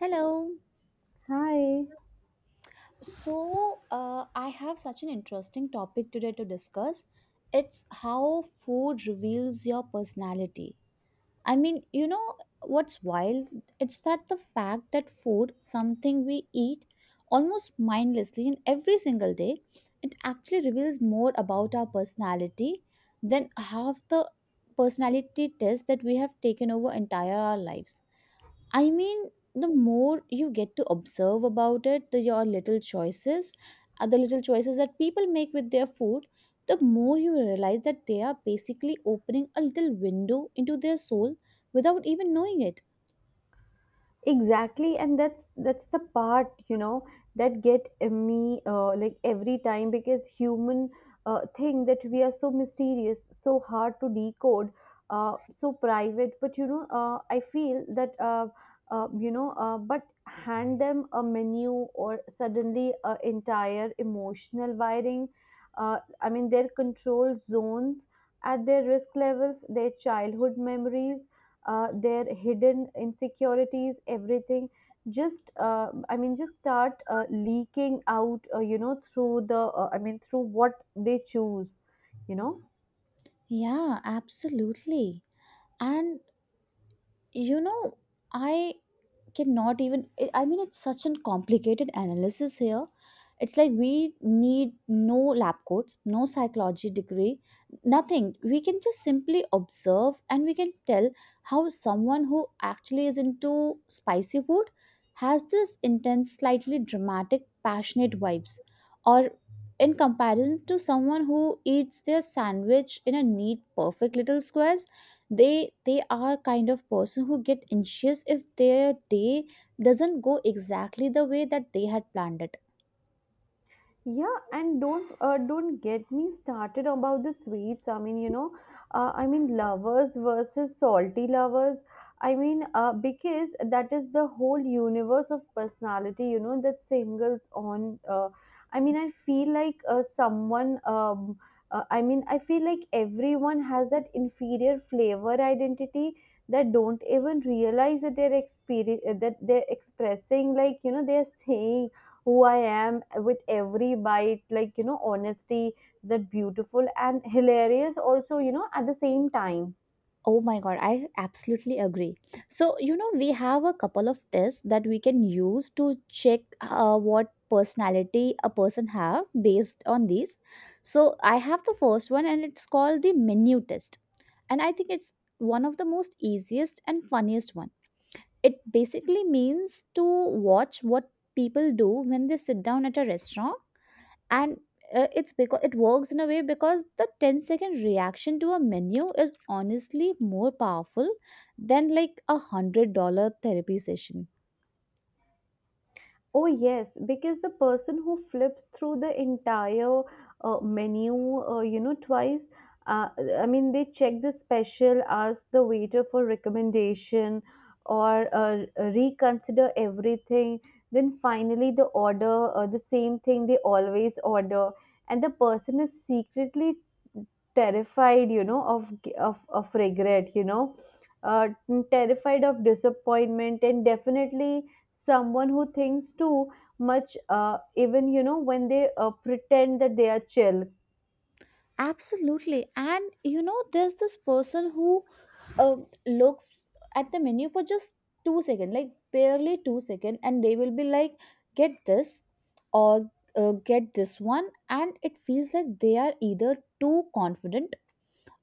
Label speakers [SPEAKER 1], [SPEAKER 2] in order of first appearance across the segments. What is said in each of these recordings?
[SPEAKER 1] Hello.
[SPEAKER 2] Hi.
[SPEAKER 1] So, I have such an interesting topic today to discuss. It's how food reveals your personality. I mean, you know what's wild? It's that the fact that food, something we eat almost mindlessly in every single day, it actually reveals more about our personality than half the personality tests that we have taken over entire our lives. I mean, the more you get to observe about it, the your little choices, the little choices that people make with their food, the more you realize that they are basically opening a little window into their soul without even knowing it.
[SPEAKER 2] Exactly, and that's the part that get me like every time because human think that we are so mysterious, so hard to decode, so private. But I feel that you know, but hand them a menu or suddenly a entire emotional wiring. Their control zones at their risk levels, their childhood memories their hidden insecurities everything just just start leaking out through the I mean through what they choose you know
[SPEAKER 1] Yeah, absolutely. And you know, I cannot even I mean it's such a complicated analysis here. It's like we need no lab coats, no psychology degree, nothing. We can just simply observe and we can tell how someone who actually is into spicy food has this intense, slightly dramatic, passionate vibes, or in comparison to someone who eats their sandwich in a neat perfect little squares, they are kind of person who get anxious if their day doesn't go exactly the way that they had planned it.
[SPEAKER 2] Yeah, and don't get me started about the sweets. Lovers versus salty lovers. I mean, because that is the whole universe of personality, you know, that singles on. I mean, I feel like someone. I mean, I feel like everyone has that inferior flavor identity that don't even realize that they're that they're expressing. Like you know, they're saying who I am with every bite, like, you know, honesty, that beautiful and hilarious also, you know, at the same time.
[SPEAKER 1] Oh my god, I absolutely agree. So, you know, we have a couple of tests that we can use to check what personality a person have based on these. So, I have the first one and it's called the menu test. And I think it's one of the most easiest and funniest one. It basically means to watch what people do when they sit down at a restaurant. And it works in a way because the 10 second reaction to a menu is honestly more powerful than like $100 therapy session.
[SPEAKER 2] Oh, yes, because the person who flips through the entire menu, you know, twice, uh, I mean, they check the special, ask the waiter for recommendation, or reconsider everything. Then finally, the order, the same thing they always order. And the person is secretly terrified, you know, of regret, uh, terrified of disappointment, and definitely someone who thinks too much even you know when they pretend that they are chill.
[SPEAKER 1] Absolutely. And you know, there's this person who uh, looks at the menu for just 2 seconds, like barely 2 seconds, and they will be like, get this, or get this one, and it feels like they are either too confident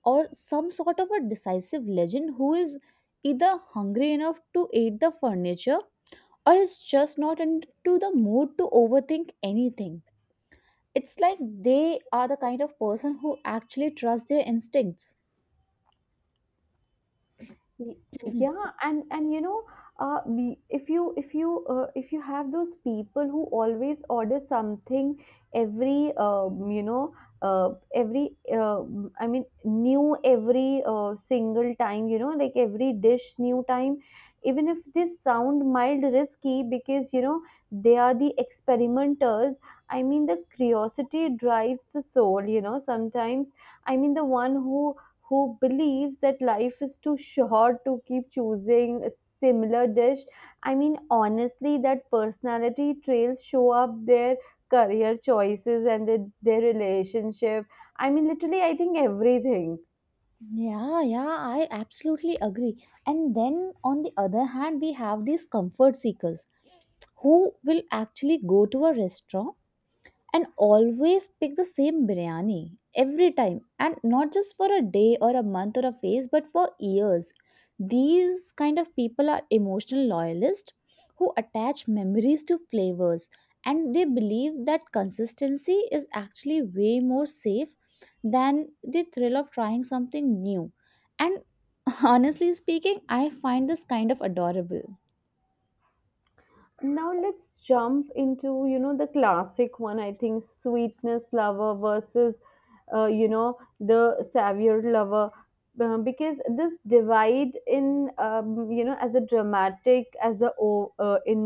[SPEAKER 1] or some sort of a decisive legend who is either hungry enough to eat the furniture or is just not into the mood to overthink anything. It's like they are the kind of person who actually trust their instincts.
[SPEAKER 2] Y- yeah and you know we- if you if you if you have those people who always order something every uh, every uh, new every single time you know like every dish new time even if this sound mild risky because you know they are the experimenters. I mean the curiosity drives the soul you know sometimes. I mean the one who believes that life is too short to keep choosing a similar dish. I mean, honestly, that personality traits show up their career choices and their relationship. I mean, literally, I think everything.
[SPEAKER 1] Yeah, yeah, I absolutely agree. And then on the other hand, we have these comfort seekers who will actually go to a restaurant and always pick the same biryani every time, and not just for a day or a month or a phase, but for years. These kind of people are emotional loyalists who attach memories to flavors, and they believe that consistency is actually way more safe than the thrill of trying something new. And honestly speaking, I find this kind of adorable.
[SPEAKER 2] Now let's jump into you know the classic one, I think, sweetness lover versus you know the savior lover, because this divide in as a dramatic as a o- in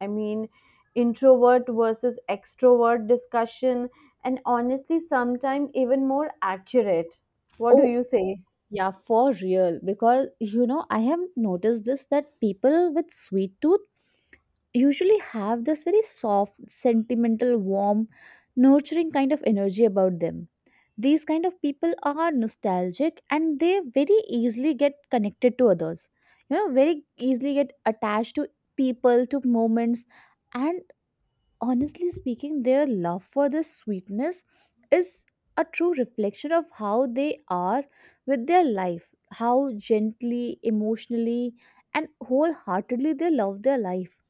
[SPEAKER 2] I mean introvert versus extrovert discussion, and honestly sometimes even more accurate. What do
[SPEAKER 1] Oh,
[SPEAKER 2] you say?
[SPEAKER 1] yeah, for real. Because, you know, I have noticed this that people with sweet tooth usually have this very soft, sentimental, warm, nurturing kind of energy about them. These kind of people are nostalgic and they very easily get connected to others. You know, very easily get attached to people, to moments, and honestly speaking, their love for the sweetness is a true reflection of how they are with their life, how gently, emotionally, and wholeheartedly they love their life.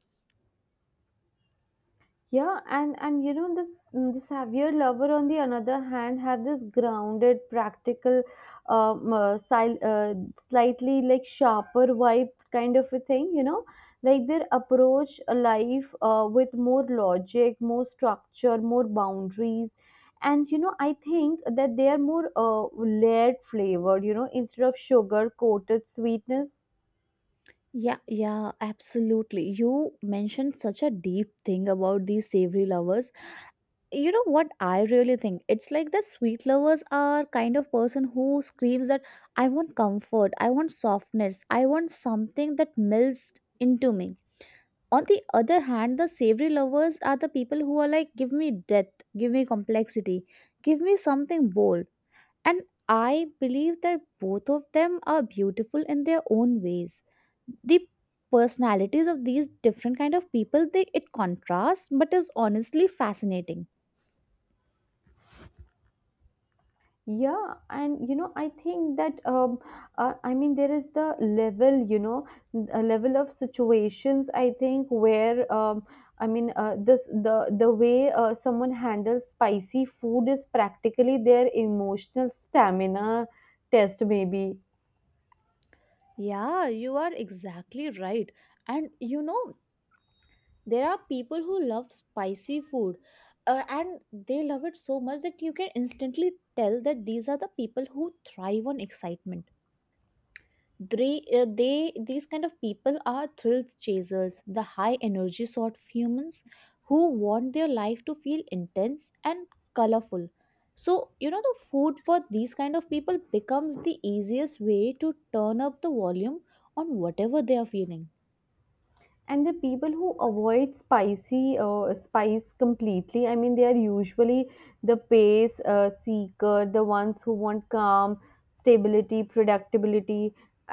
[SPEAKER 2] Yeah, and this the Saviour lover on the other hand had this grounded, practical, um, uh, sil- uh, slightly like sharper vibe kind of a thing. You know, like their approach a life with more logic, more structure, more boundaries, and you know I think that they are more layered flavored. You know, instead of sugar coated sweetness.
[SPEAKER 1] Yeah, yeah, absolutely. You mentioned such a deep thing about these savory lovers. You know what I really think? It's like that sweet lovers are kind of person who screams that I want comfort, I want softness, I want something that melts into me. On the other hand, the savory lovers are the people who are like, give me depth, give me complexity, give me something bold. And I believe that both of them are beautiful in their own ways. The personalities of these different kind of people, they it contrasts but is honestly fascinating.
[SPEAKER 2] Yeah and you know I think that there is the level you know a level of situations I think where this the way someone handles spicy food is practically their emotional stamina test maybe.
[SPEAKER 1] Yeah, you are exactly right. And you know, there are people who love spicy food, and they love it so much that you can instantly tell that these are the people who thrive on excitement. They these kind of people are thrill chasers, the high energy sort of humans who want their life to feel intense and colorful. So you know, the food for these kind of people becomes the easiest way to turn up the volume on whatever they are feeling.
[SPEAKER 2] And the people who avoid spicy spice completely, I mean they are usually the pace seeker, the ones who want calm, stability, predictability,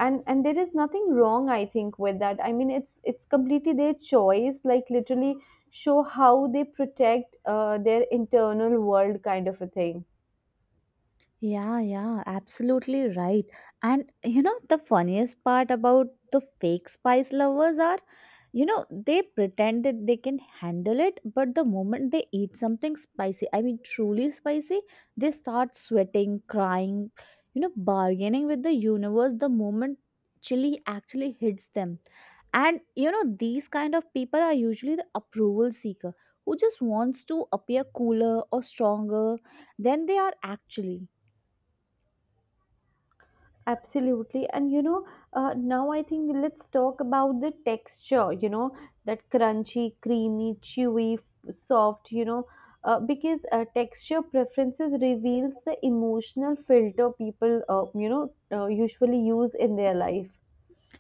[SPEAKER 2] and there is nothing wrong I think with that. I mean it's completely their choice, like literally show how they protect their internal world kind of a thing.
[SPEAKER 1] Yeah, yeah, absolutely right. And you know, the funniest part about the fake spice lovers are, you know, they pretend that they can handle it, but the moment they eat something spicy, I mean, truly spicy, they start sweating, crying, you know, bargaining with the universe the moment chili actually hits them. And you know, these kind of people are usually the approval seeker who just wants to appear cooler or stronger than they are actually.
[SPEAKER 2] Absolutely. And you know, now I think let's talk about the texture, you know, that crunchy, creamy, chewy, soft, you know, because texture preferences reveals the emotional filter people, usually use in their life.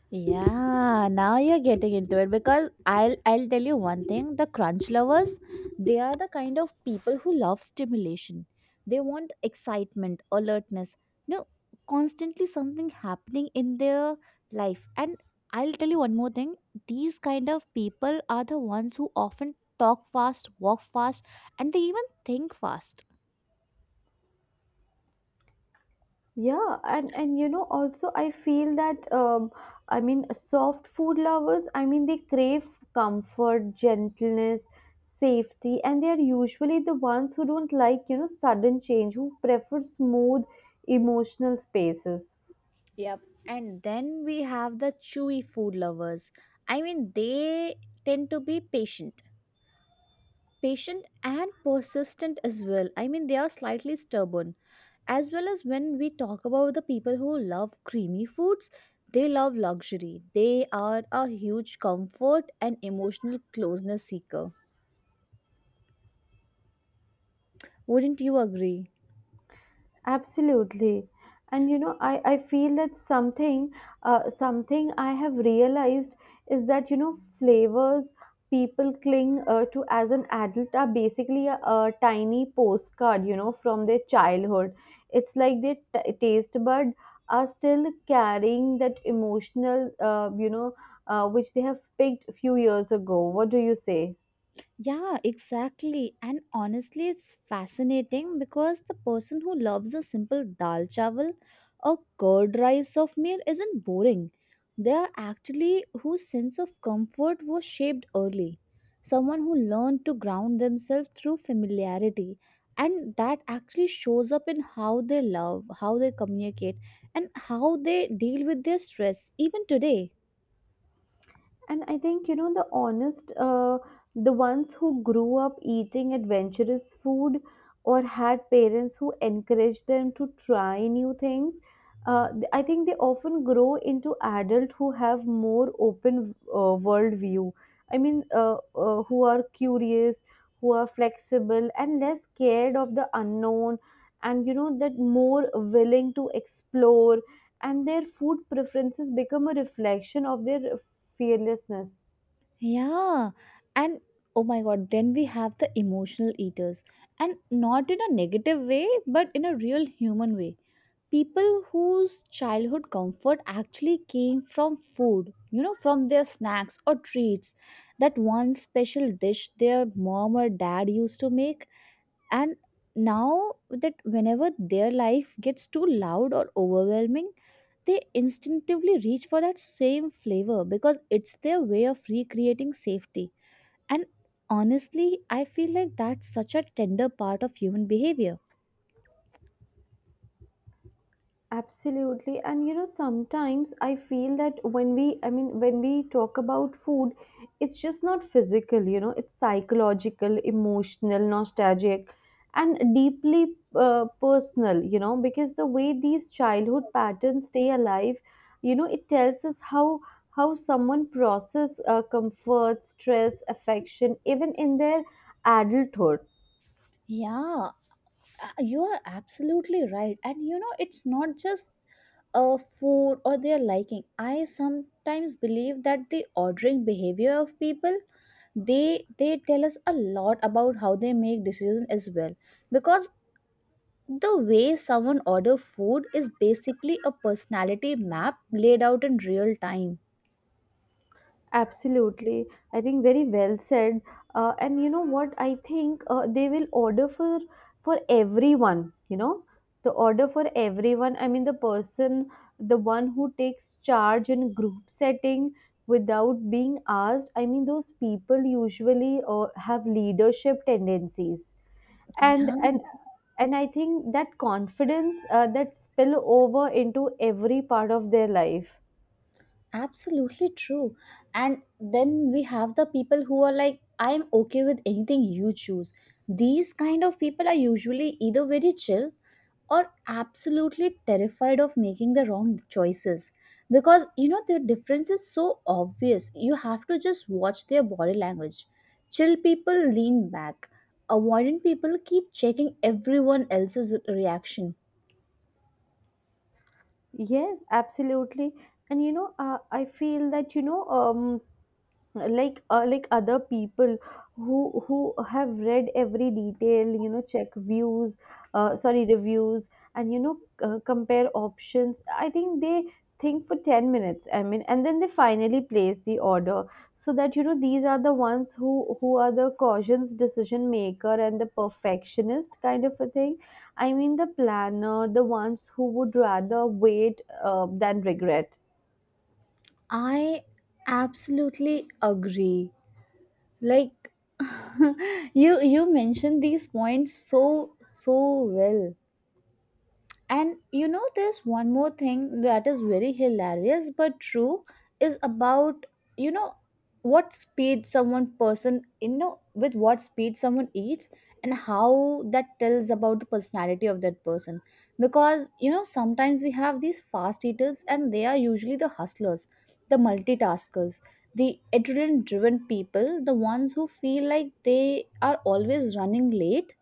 [SPEAKER 1] Yeah, now you're getting into it because I'll tell you one thing, the crunch lovers, they are the kind of people who love stimulation. They want excitement, alertness, you know, constantly something happening in their life. And I'll tell you one more thing, these kind of people are the ones who often talk fast, walk fast, and they even think fast.
[SPEAKER 2] Yeah, and you know also I feel that I mean soft food lovers, I mean they crave comfort, gentleness, safety, and they are usually the ones who don't like you know sudden change, who prefer smooth emotional spaces.
[SPEAKER 1] Yep. And then we have the chewy food lovers. I mean, they tend to be patient and persistent as well. I mean, they are slightly stubborn. As well as when we talk about the people who love creamy foods, they love luxury. They are a huge comfort and emotional closeness seeker. Wouldn't you agree?
[SPEAKER 2] Absolutely. And you know, I feel that something something I have realized is that you know flavors people cling to as an adult are basically a tiny postcard, you know, from their childhood. It's like their taste bud are still carrying that emotional, which they have picked a few years ago. What do you say?
[SPEAKER 1] Yeah, exactly. And honestly, it's fascinating because the person who loves a simple dal chawal or curd rice of meal isn't boring. They are actually whose sense of comfort was shaped early. Someone who learned to ground themselves through familiarity. And that actually shows up in how they love, how they communicate, and how they deal with their stress, even today.
[SPEAKER 2] And I think, you know, the honest, the ones who grew up eating adventurous food or had parents who encouraged them to try new things, I think they often grow into adults who have more open world view. I mean, who are curious, who are flexible, and less scared of the unknown, and you know, that more willing to explore, and their food preferences become a reflection of their fearlessness.
[SPEAKER 1] Yeah, and oh my god, then we have the emotional eaters, and not in a negative way, but in a real human way. People whose childhood comfort actually came from food, you know, from their snacks or treats, that one special dish their mom or dad used to make. And now that whenever their life gets too loud or overwhelming, they instinctively reach for that same flavor because it's their way of recreating safety. And honestly, I feel like that's such a tender part of human behavior.
[SPEAKER 2] Absolutely, and you know sometimes I feel that when we I mean when we talk about food, it's just not physical, you know, it's psychological, emotional, nostalgic, and deeply personal, you know, because the way these childhood patterns stay alive, you know, it tells us how someone process comfort, stress, affection, even in their adulthood.
[SPEAKER 1] Yeah, you are absolutely right. And you know, it's not just food or their liking. I sometimes believe that the ordering behavior of people, they tell us a lot about how they make decisions as well, because the way someone order food is basically a personality map laid out in real time.
[SPEAKER 2] Absolutely. I think very well said. And you know what? I think they will order for everyone, you know, the order for everyone. I mean, the person, the one who takes charge in group setting without being asked. I mean, those people usually have leadership tendencies. And
[SPEAKER 1] Yeah,
[SPEAKER 2] and and I think that confidence that spill over into every part of their life.
[SPEAKER 1] absolutely true. And then we have the people who are like, I'm okay with anything you choose. These kind of people are usually either very chill or absolutely terrified of making the wrong choices, because you know the difference is so obvious. You have to just watch their body language. Chill people lean back, avoidant people keep checking everyone else's reaction.
[SPEAKER 2] Yes, absolutely. And you know, I feel that you know, like other people who have read every detail you know check views sorry reviews and you know compare options I think they think for 10 minutes, I mean, and then they finally place the order. So that you know these are the ones who are the cautious decision maker and the perfectionist kind of a thing. I mean the planner, the ones who would rather wait than regret.
[SPEAKER 1] I absolutely agree. Like you mentioned these points so so well. And you know, there's one more thing that is very hilarious but true, is about, you know, what speed someone person, you know, with what speed someone eats and how that tells about the personality of that person. Because you know, sometimes we have these fast eaters and they are usually the hustlers, the multitaskers, the adrenaline driven people, the ones who feel like they are always running late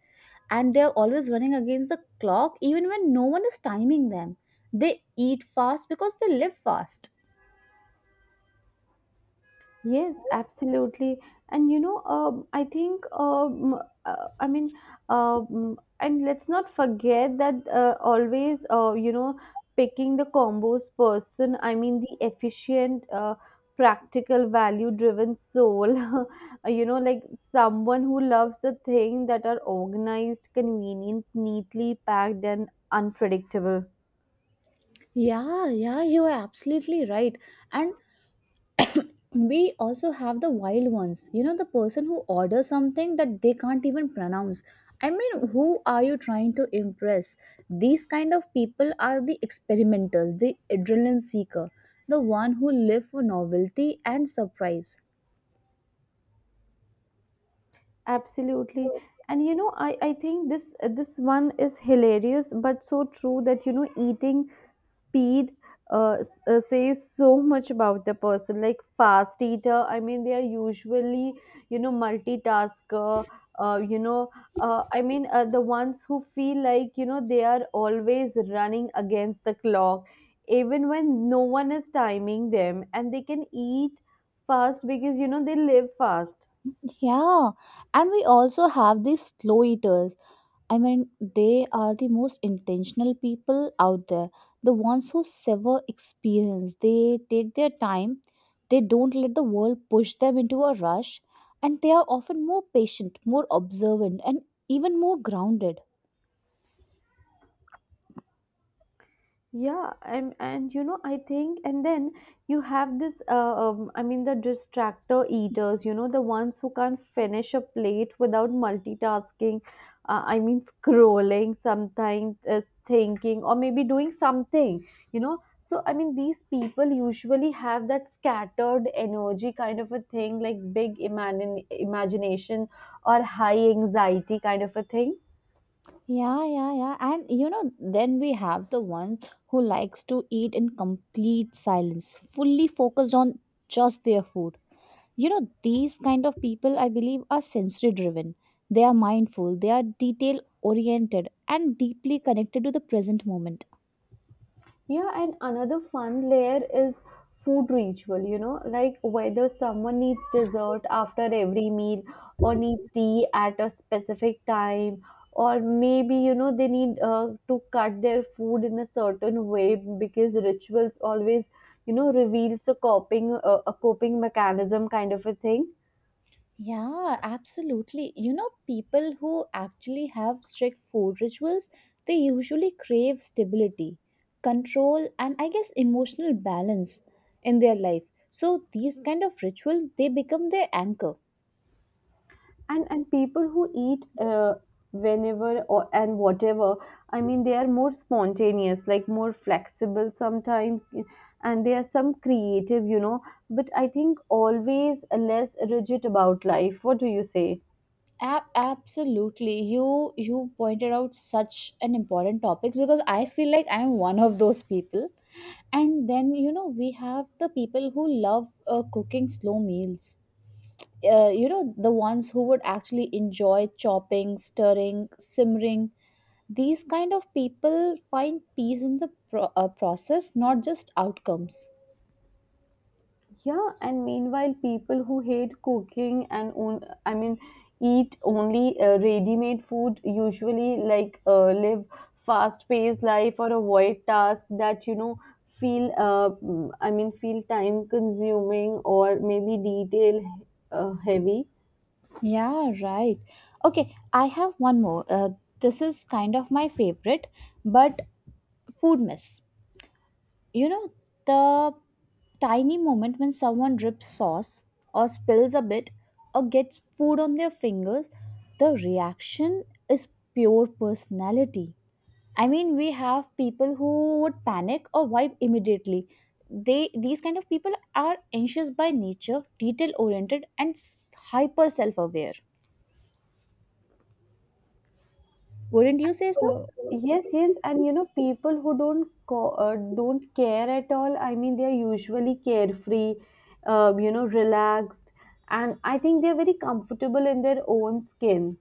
[SPEAKER 1] and they're always running against the clock even when no one is timing them. They eat fast because they live fast.
[SPEAKER 2] Yes, absolutely. And you know, I think, I mean, and let's not forget that always, you know, picking the combos person. I mean, the efficient, practical, value driven soul, you know, like someone who loves the thing that are organized, convenient, neatly packed, and unpredictable.
[SPEAKER 1] Yeah, yeah, you are absolutely right. And we also have the wild ones. You know, the person who orders something that they can't even pronounce. I mean, who are you trying to impress? These kind of people are the experimenters, the adrenaline seeker, the one who live for novelty and surprise.
[SPEAKER 2] Absolutely. And you know, I think this one is hilarious, but so true that you know, eating speed says so much about the person. Like fast eater, I mean, they are usually you know multitasker. Uh, you know, the ones who feel like you know they are always running against the clock, even when no one is timing them, and they can eat fast because you know they live fast.
[SPEAKER 1] Yeah, and we also have these slow eaters. I mean, they are the most intentional people out there. The ones who savor experience, they take their time, they don't let the world push them into a rush, and they are often more patient, more observant, and even more grounded.
[SPEAKER 2] Yeah and you know I think and then you have this the distractor eaters, you know, the ones who can't finish a plate without multitasking, scrolling sometimes, thinking, or maybe doing something, you know. So I mean these people usually have that scattered energy kind of a thing, like big imagine imagination or high anxiety kind of a thing.
[SPEAKER 1] Yeah, yeah, yeah. And you know, then we have the ones who likes to eat in complete silence, fully focused on just their food. You know, these kind of people I believe are sensory driven. They are mindful, they are detail oriented, and deeply connected to the present moment.
[SPEAKER 2] Yeah, and another fun layer is food ritual, you know, like whether someone needs dessert after every meal or needs tea at a specific time, or maybe, you know, they need to cut their food in a certain way, because rituals always, you know, reveals a coping mechanism kind of a thing.
[SPEAKER 1] Yeah, absolutely. You know, people who actually have strict food rituals, they usually crave stability, control, and I guess emotional balance in their life. So these kind of ritual they become their anchor.
[SPEAKER 2] And people who eat whenever or and whatever, I mean they are more spontaneous, like more flexible sometimes, and they are some creative, you know, but I think always less rigid about life. What do you say?
[SPEAKER 1] Absolutely. You pointed out such an important topics because I feel like I'm one of those people. And then, you know, we have the people who love cooking slow meals. You know, the ones who would actually enjoy chopping, stirring, simmering. These kind of people find peace in the process, not just outcomes.
[SPEAKER 2] Yeah, and meanwhile, people who hate cooking and own, I mean, eat only ready-made food usually like live fast-paced life, or avoid tasks that you know feel, feel time-consuming or maybe detail heavy.
[SPEAKER 1] Yeah, right. Okay, I have one more, this is kind of my favorite, but food mess. You know, the tiny moment when someone drips sauce or spills a bit or gets food on their fingers, the reaction is pure personality. I mean, we have people who would panic or wipe immediately. They, these kind of people are anxious by nature, detail oriented, and hyper self aware. Wouldn't you say so?
[SPEAKER 2] Yes, yes, and you know, people who don't care at all. I mean, they are usually carefree, you know, relaxed, and I think they are very comfortable in their own skin.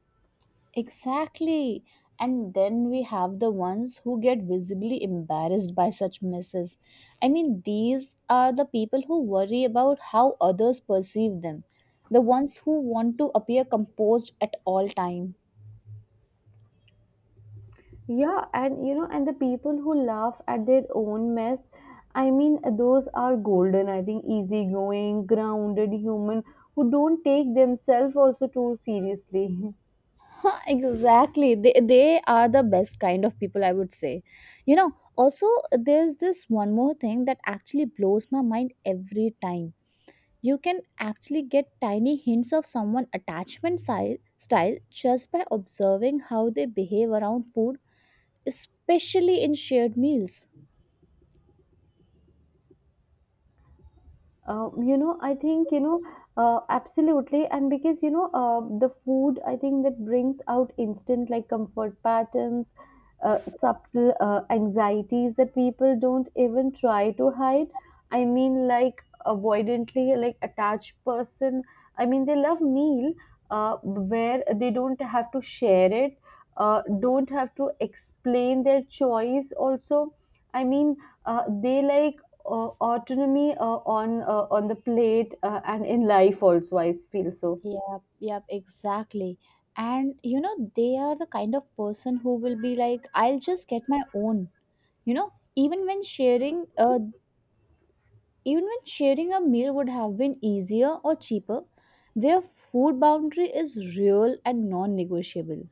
[SPEAKER 1] Exactly. And then we have the ones who get visibly embarrassed by such misses. I mean, these are the people who worry about how others perceive them, the ones who want to appear composed at all time.
[SPEAKER 2] Yeah, and you know, and the people who laugh at their own mess, I mean, those are golden. I think easygoing, grounded human who don't take themselves also too seriously.
[SPEAKER 1] Huh, exactly. They are the best kind of people, I would say. You know, also, there's this one more thing that actually blows my mind every time. You can actually get tiny hints of someone's attachment style just by observing how they behave around food, especially in shared meals.
[SPEAKER 2] You know, I think, you know, Absolutely. And because, you know, the food, I think that brings out instant like comfort patterns, subtle anxieties that people don't even try to hide. I mean, like avoidantly, like attached person. I mean, they love meal where they don't have to share it, don't have to explain their choice. Also, I mean, they like autonomy on on the plate and in life also. I feel so.
[SPEAKER 1] Yep, yep, exactly. And you know, they are the kind of person who will be like, I'll just get my own. You know, even when sharing a meal would have been easier or cheaper, their food boundary is real and non-negotiable.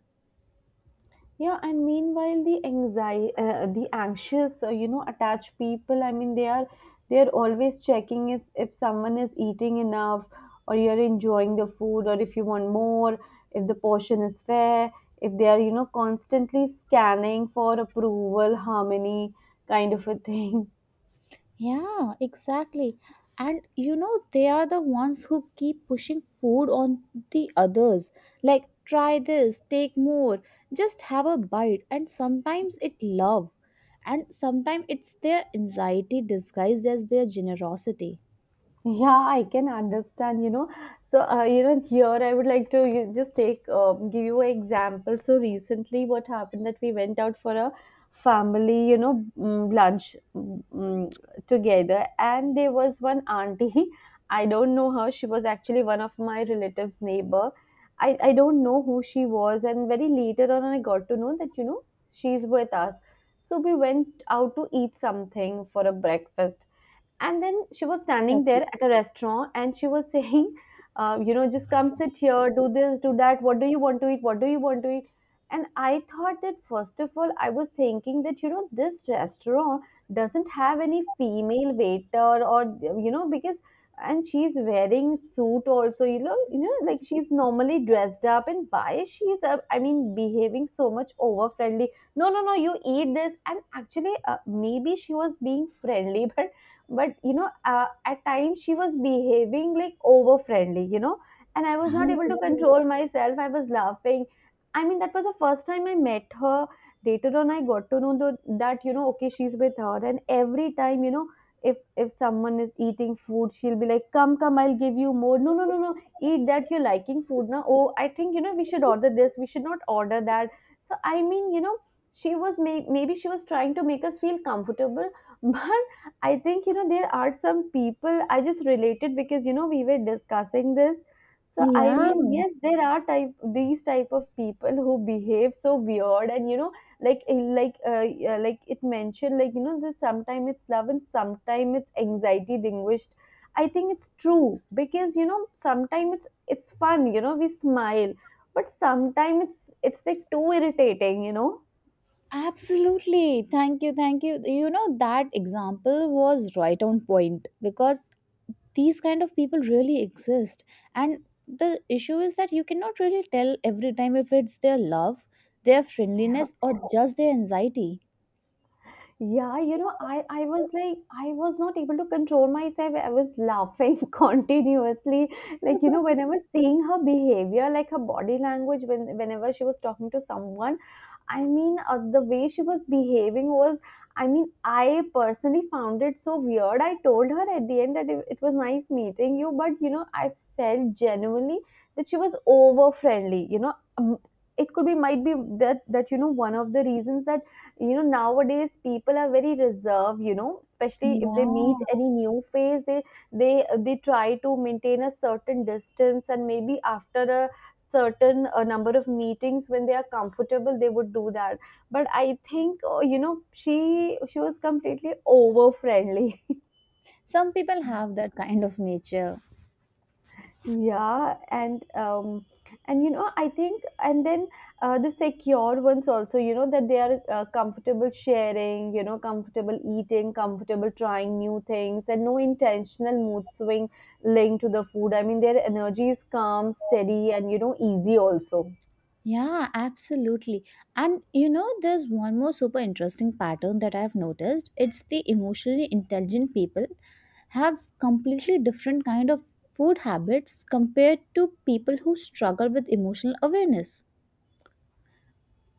[SPEAKER 2] Yeah, and meanwhile the anxiety, the anxious, attached people, they are, they're always checking if someone is eating enough, or you're enjoying the food, or if you want more, if the portion is fair, if they are, constantly scanning for approval, harmony, kind of a thing.
[SPEAKER 1] Yeah, exactly. And you know, they are the ones who keep pushing food on the others. Like, try this, take more, just have a bite. And sometimes it love. And sometimes it's their anxiety disguised as their generosity.
[SPEAKER 2] Yeah, I can understand, you know. So, here I would like to just take give you an example. So recently, what happened that we went out for a family, you know, lunch, together, and there was one auntie. I don't know her. She was actually one of my relatives' neighbor. I don't know who she was, and very later on, I got to know that, you know, she's with us. So we went out to eat something for a breakfast, and then she was standing
[SPEAKER 1] Okay,
[SPEAKER 2] there at a restaurant and she was saying, just come sit here, do this, do that. What do you want to eat? What do you want to eat? And I thought that, first of all, I was thinking that, you know, this restaurant doesn't have any female waiter, or, you know, because, and she's wearing suit also, you know, like she's normally dressed up, and why she's, behaving so much over friendly, no no no, you eat this. And actually, maybe she was being friendly, but, at times she was behaving like over friendly, you know. And I
[SPEAKER 1] I
[SPEAKER 2] was not able to
[SPEAKER 1] get
[SPEAKER 2] control
[SPEAKER 1] it.
[SPEAKER 2] myself, I was laughing. I mean, that was the first time I met her. Later on, I got to know that you know, okay, she's with her, and every time, you know, if someone is eating food, she'll be like, come come, I'll give you more, no no no no, eat that, you're liking food now, oh I think, you know, we should order this, we should not order that. So I mean, you know, she was maybe she was trying to make us feel comfortable, but I think, you know, there are some people. I just related because, you know, we were discussing this. So I
[SPEAKER 1] Yeah,
[SPEAKER 2] mean, yes, there are type, these type of people who behave so weird, and you know, like yeah, like it mentioned, like you know, that sometimes it's love and sometimes it's anxiety languished. I think it's true because you know, sometimes it's fun, you know, we smile, but sometimes it's like too irritating, you know.
[SPEAKER 1] absolutely. Thank you, thank you. You know, that example was right on point because these kind of people really exist. And the issue is that you cannot really tell every time if it's their love, their friendliness, or just their anxiety.
[SPEAKER 2] Yeah, you know, I was like, I was not able to control myself. I was laughing continuously. Like, you know, when I was seeing her behavior, like her body language, when whenever she was talking to someone, I mean, the way she was behaving was, I mean, I personally found it so weird. I told her at the end that it was nice meeting you, but you know, I felt genuinely that she was over friendly. You know, it could be, might be that you know, one of the reasons that you know, nowadays people are very reserved. You know, especially if they meet
[SPEAKER 1] Yeah.
[SPEAKER 2] any new face, they they try to maintain a certain distance, and maybe after a certain, number of meetings when they are comfortable they would do that. But I think, you know, she was completely over friendly.
[SPEAKER 1] Some people have that kind of nature.
[SPEAKER 2] Yeah, and you know, I think, and then, the secure ones also, you know, that they are, comfortable sharing, you know, comfortable eating, comfortable trying new things, and no intentional mood swing linked to the food. I mean, their energy is calm, steady, and you know, easy also.
[SPEAKER 1] Yeah, absolutely. And you know, there's one more super interesting pattern that I've noticed. It's the emotionally intelligent people have completely different kind of food habits compared to people who struggle with emotional awareness.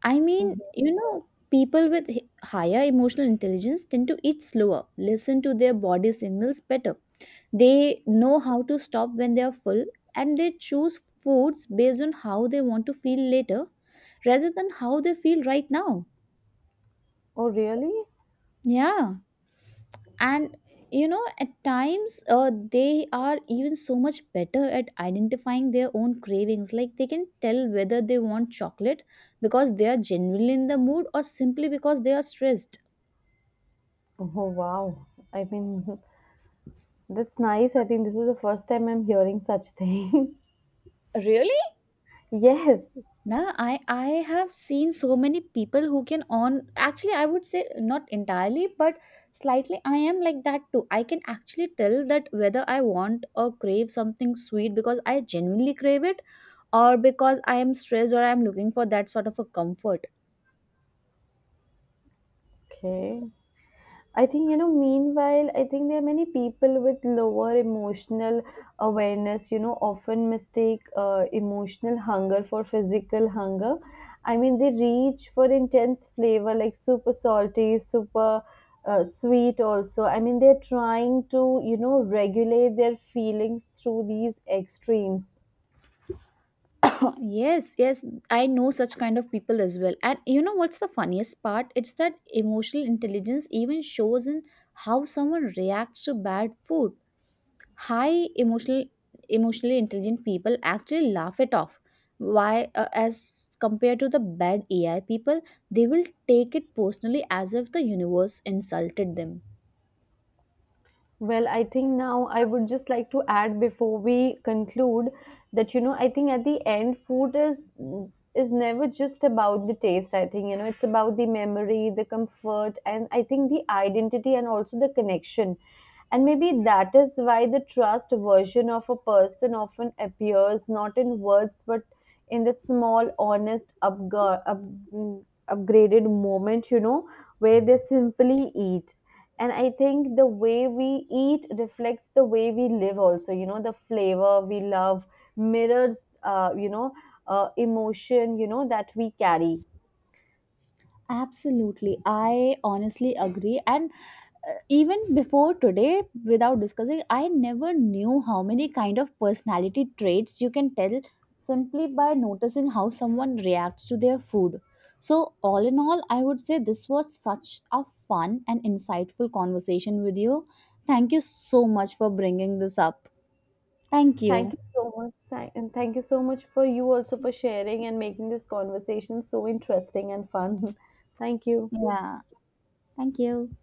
[SPEAKER 1] I mean,
[SPEAKER 2] Mhm.
[SPEAKER 1] you know, people with higher emotional intelligence tend to eat slower, listen to their body signals better, they know how to stop when they are full, and they choose foods based on how they want to feel later rather than how they feel right now.
[SPEAKER 2] Oh really?
[SPEAKER 1] Yeah. And you know, at times they are even so much better at identifying their own cravings. Like they can tell whether they want chocolate because they are genuinely in the mood or simply because they are stressed.
[SPEAKER 2] Oh wow. I mean, that's nice. I think this is the first time I'm hearing such thing.
[SPEAKER 1] Really?
[SPEAKER 2] Yes.
[SPEAKER 1] Nah, I have seen so many people who can on, actually I would say not entirely but slightly I am like that too. I can actually tell that whether I want or crave something sweet because I genuinely crave it or because I am stressed or I am looking for that sort of a comfort.
[SPEAKER 2] Okay. I think, you know, meanwhile, I think there are many people with lower emotional awareness, you know, often mistake emotional hunger for physical hunger. I mean, they reach for intense flavor like super salty, super, sweet also. I mean, they're trying to, you know, regulate their feelings through these extremes.
[SPEAKER 1] Yes, yes, I know such kind of people as well. And you know what's the funniest part? It's that emotional intelligence even shows in how someone reacts to bad food. High emotional Emotionally intelligent people actually laugh it off, why as compared to the bad AI people, they will take it personally as if the universe insulted them.
[SPEAKER 2] Well, I think now I would just like to add before we conclude that you know, I think at the end, food is never just about the taste. I think you know, it's about the memory, the comfort, and I think the identity, and also the connection. And maybe that is why the trust version of a person often appears not in words, but in that small, honest, upgraded moment, you know, where they simply eat. And I think the way we eat reflects the way we live, also. You know, the flavor we love mirrors, emotion, you know, that we carry.
[SPEAKER 1] Absolutely, I honestly agree. And even before today, without discussing, I never knew how many kind of personality traits you can tell simply by noticing how someone reacts to their food. So all in all I would say this was such a fun and insightful conversation with you. Thank you so much for bringing this up. Thank you.
[SPEAKER 2] Thank you so much, Sai- and thank you so much for you also, for sharing and making this conversation so interesting and fun. Thank you.
[SPEAKER 1] Yeah, thank you.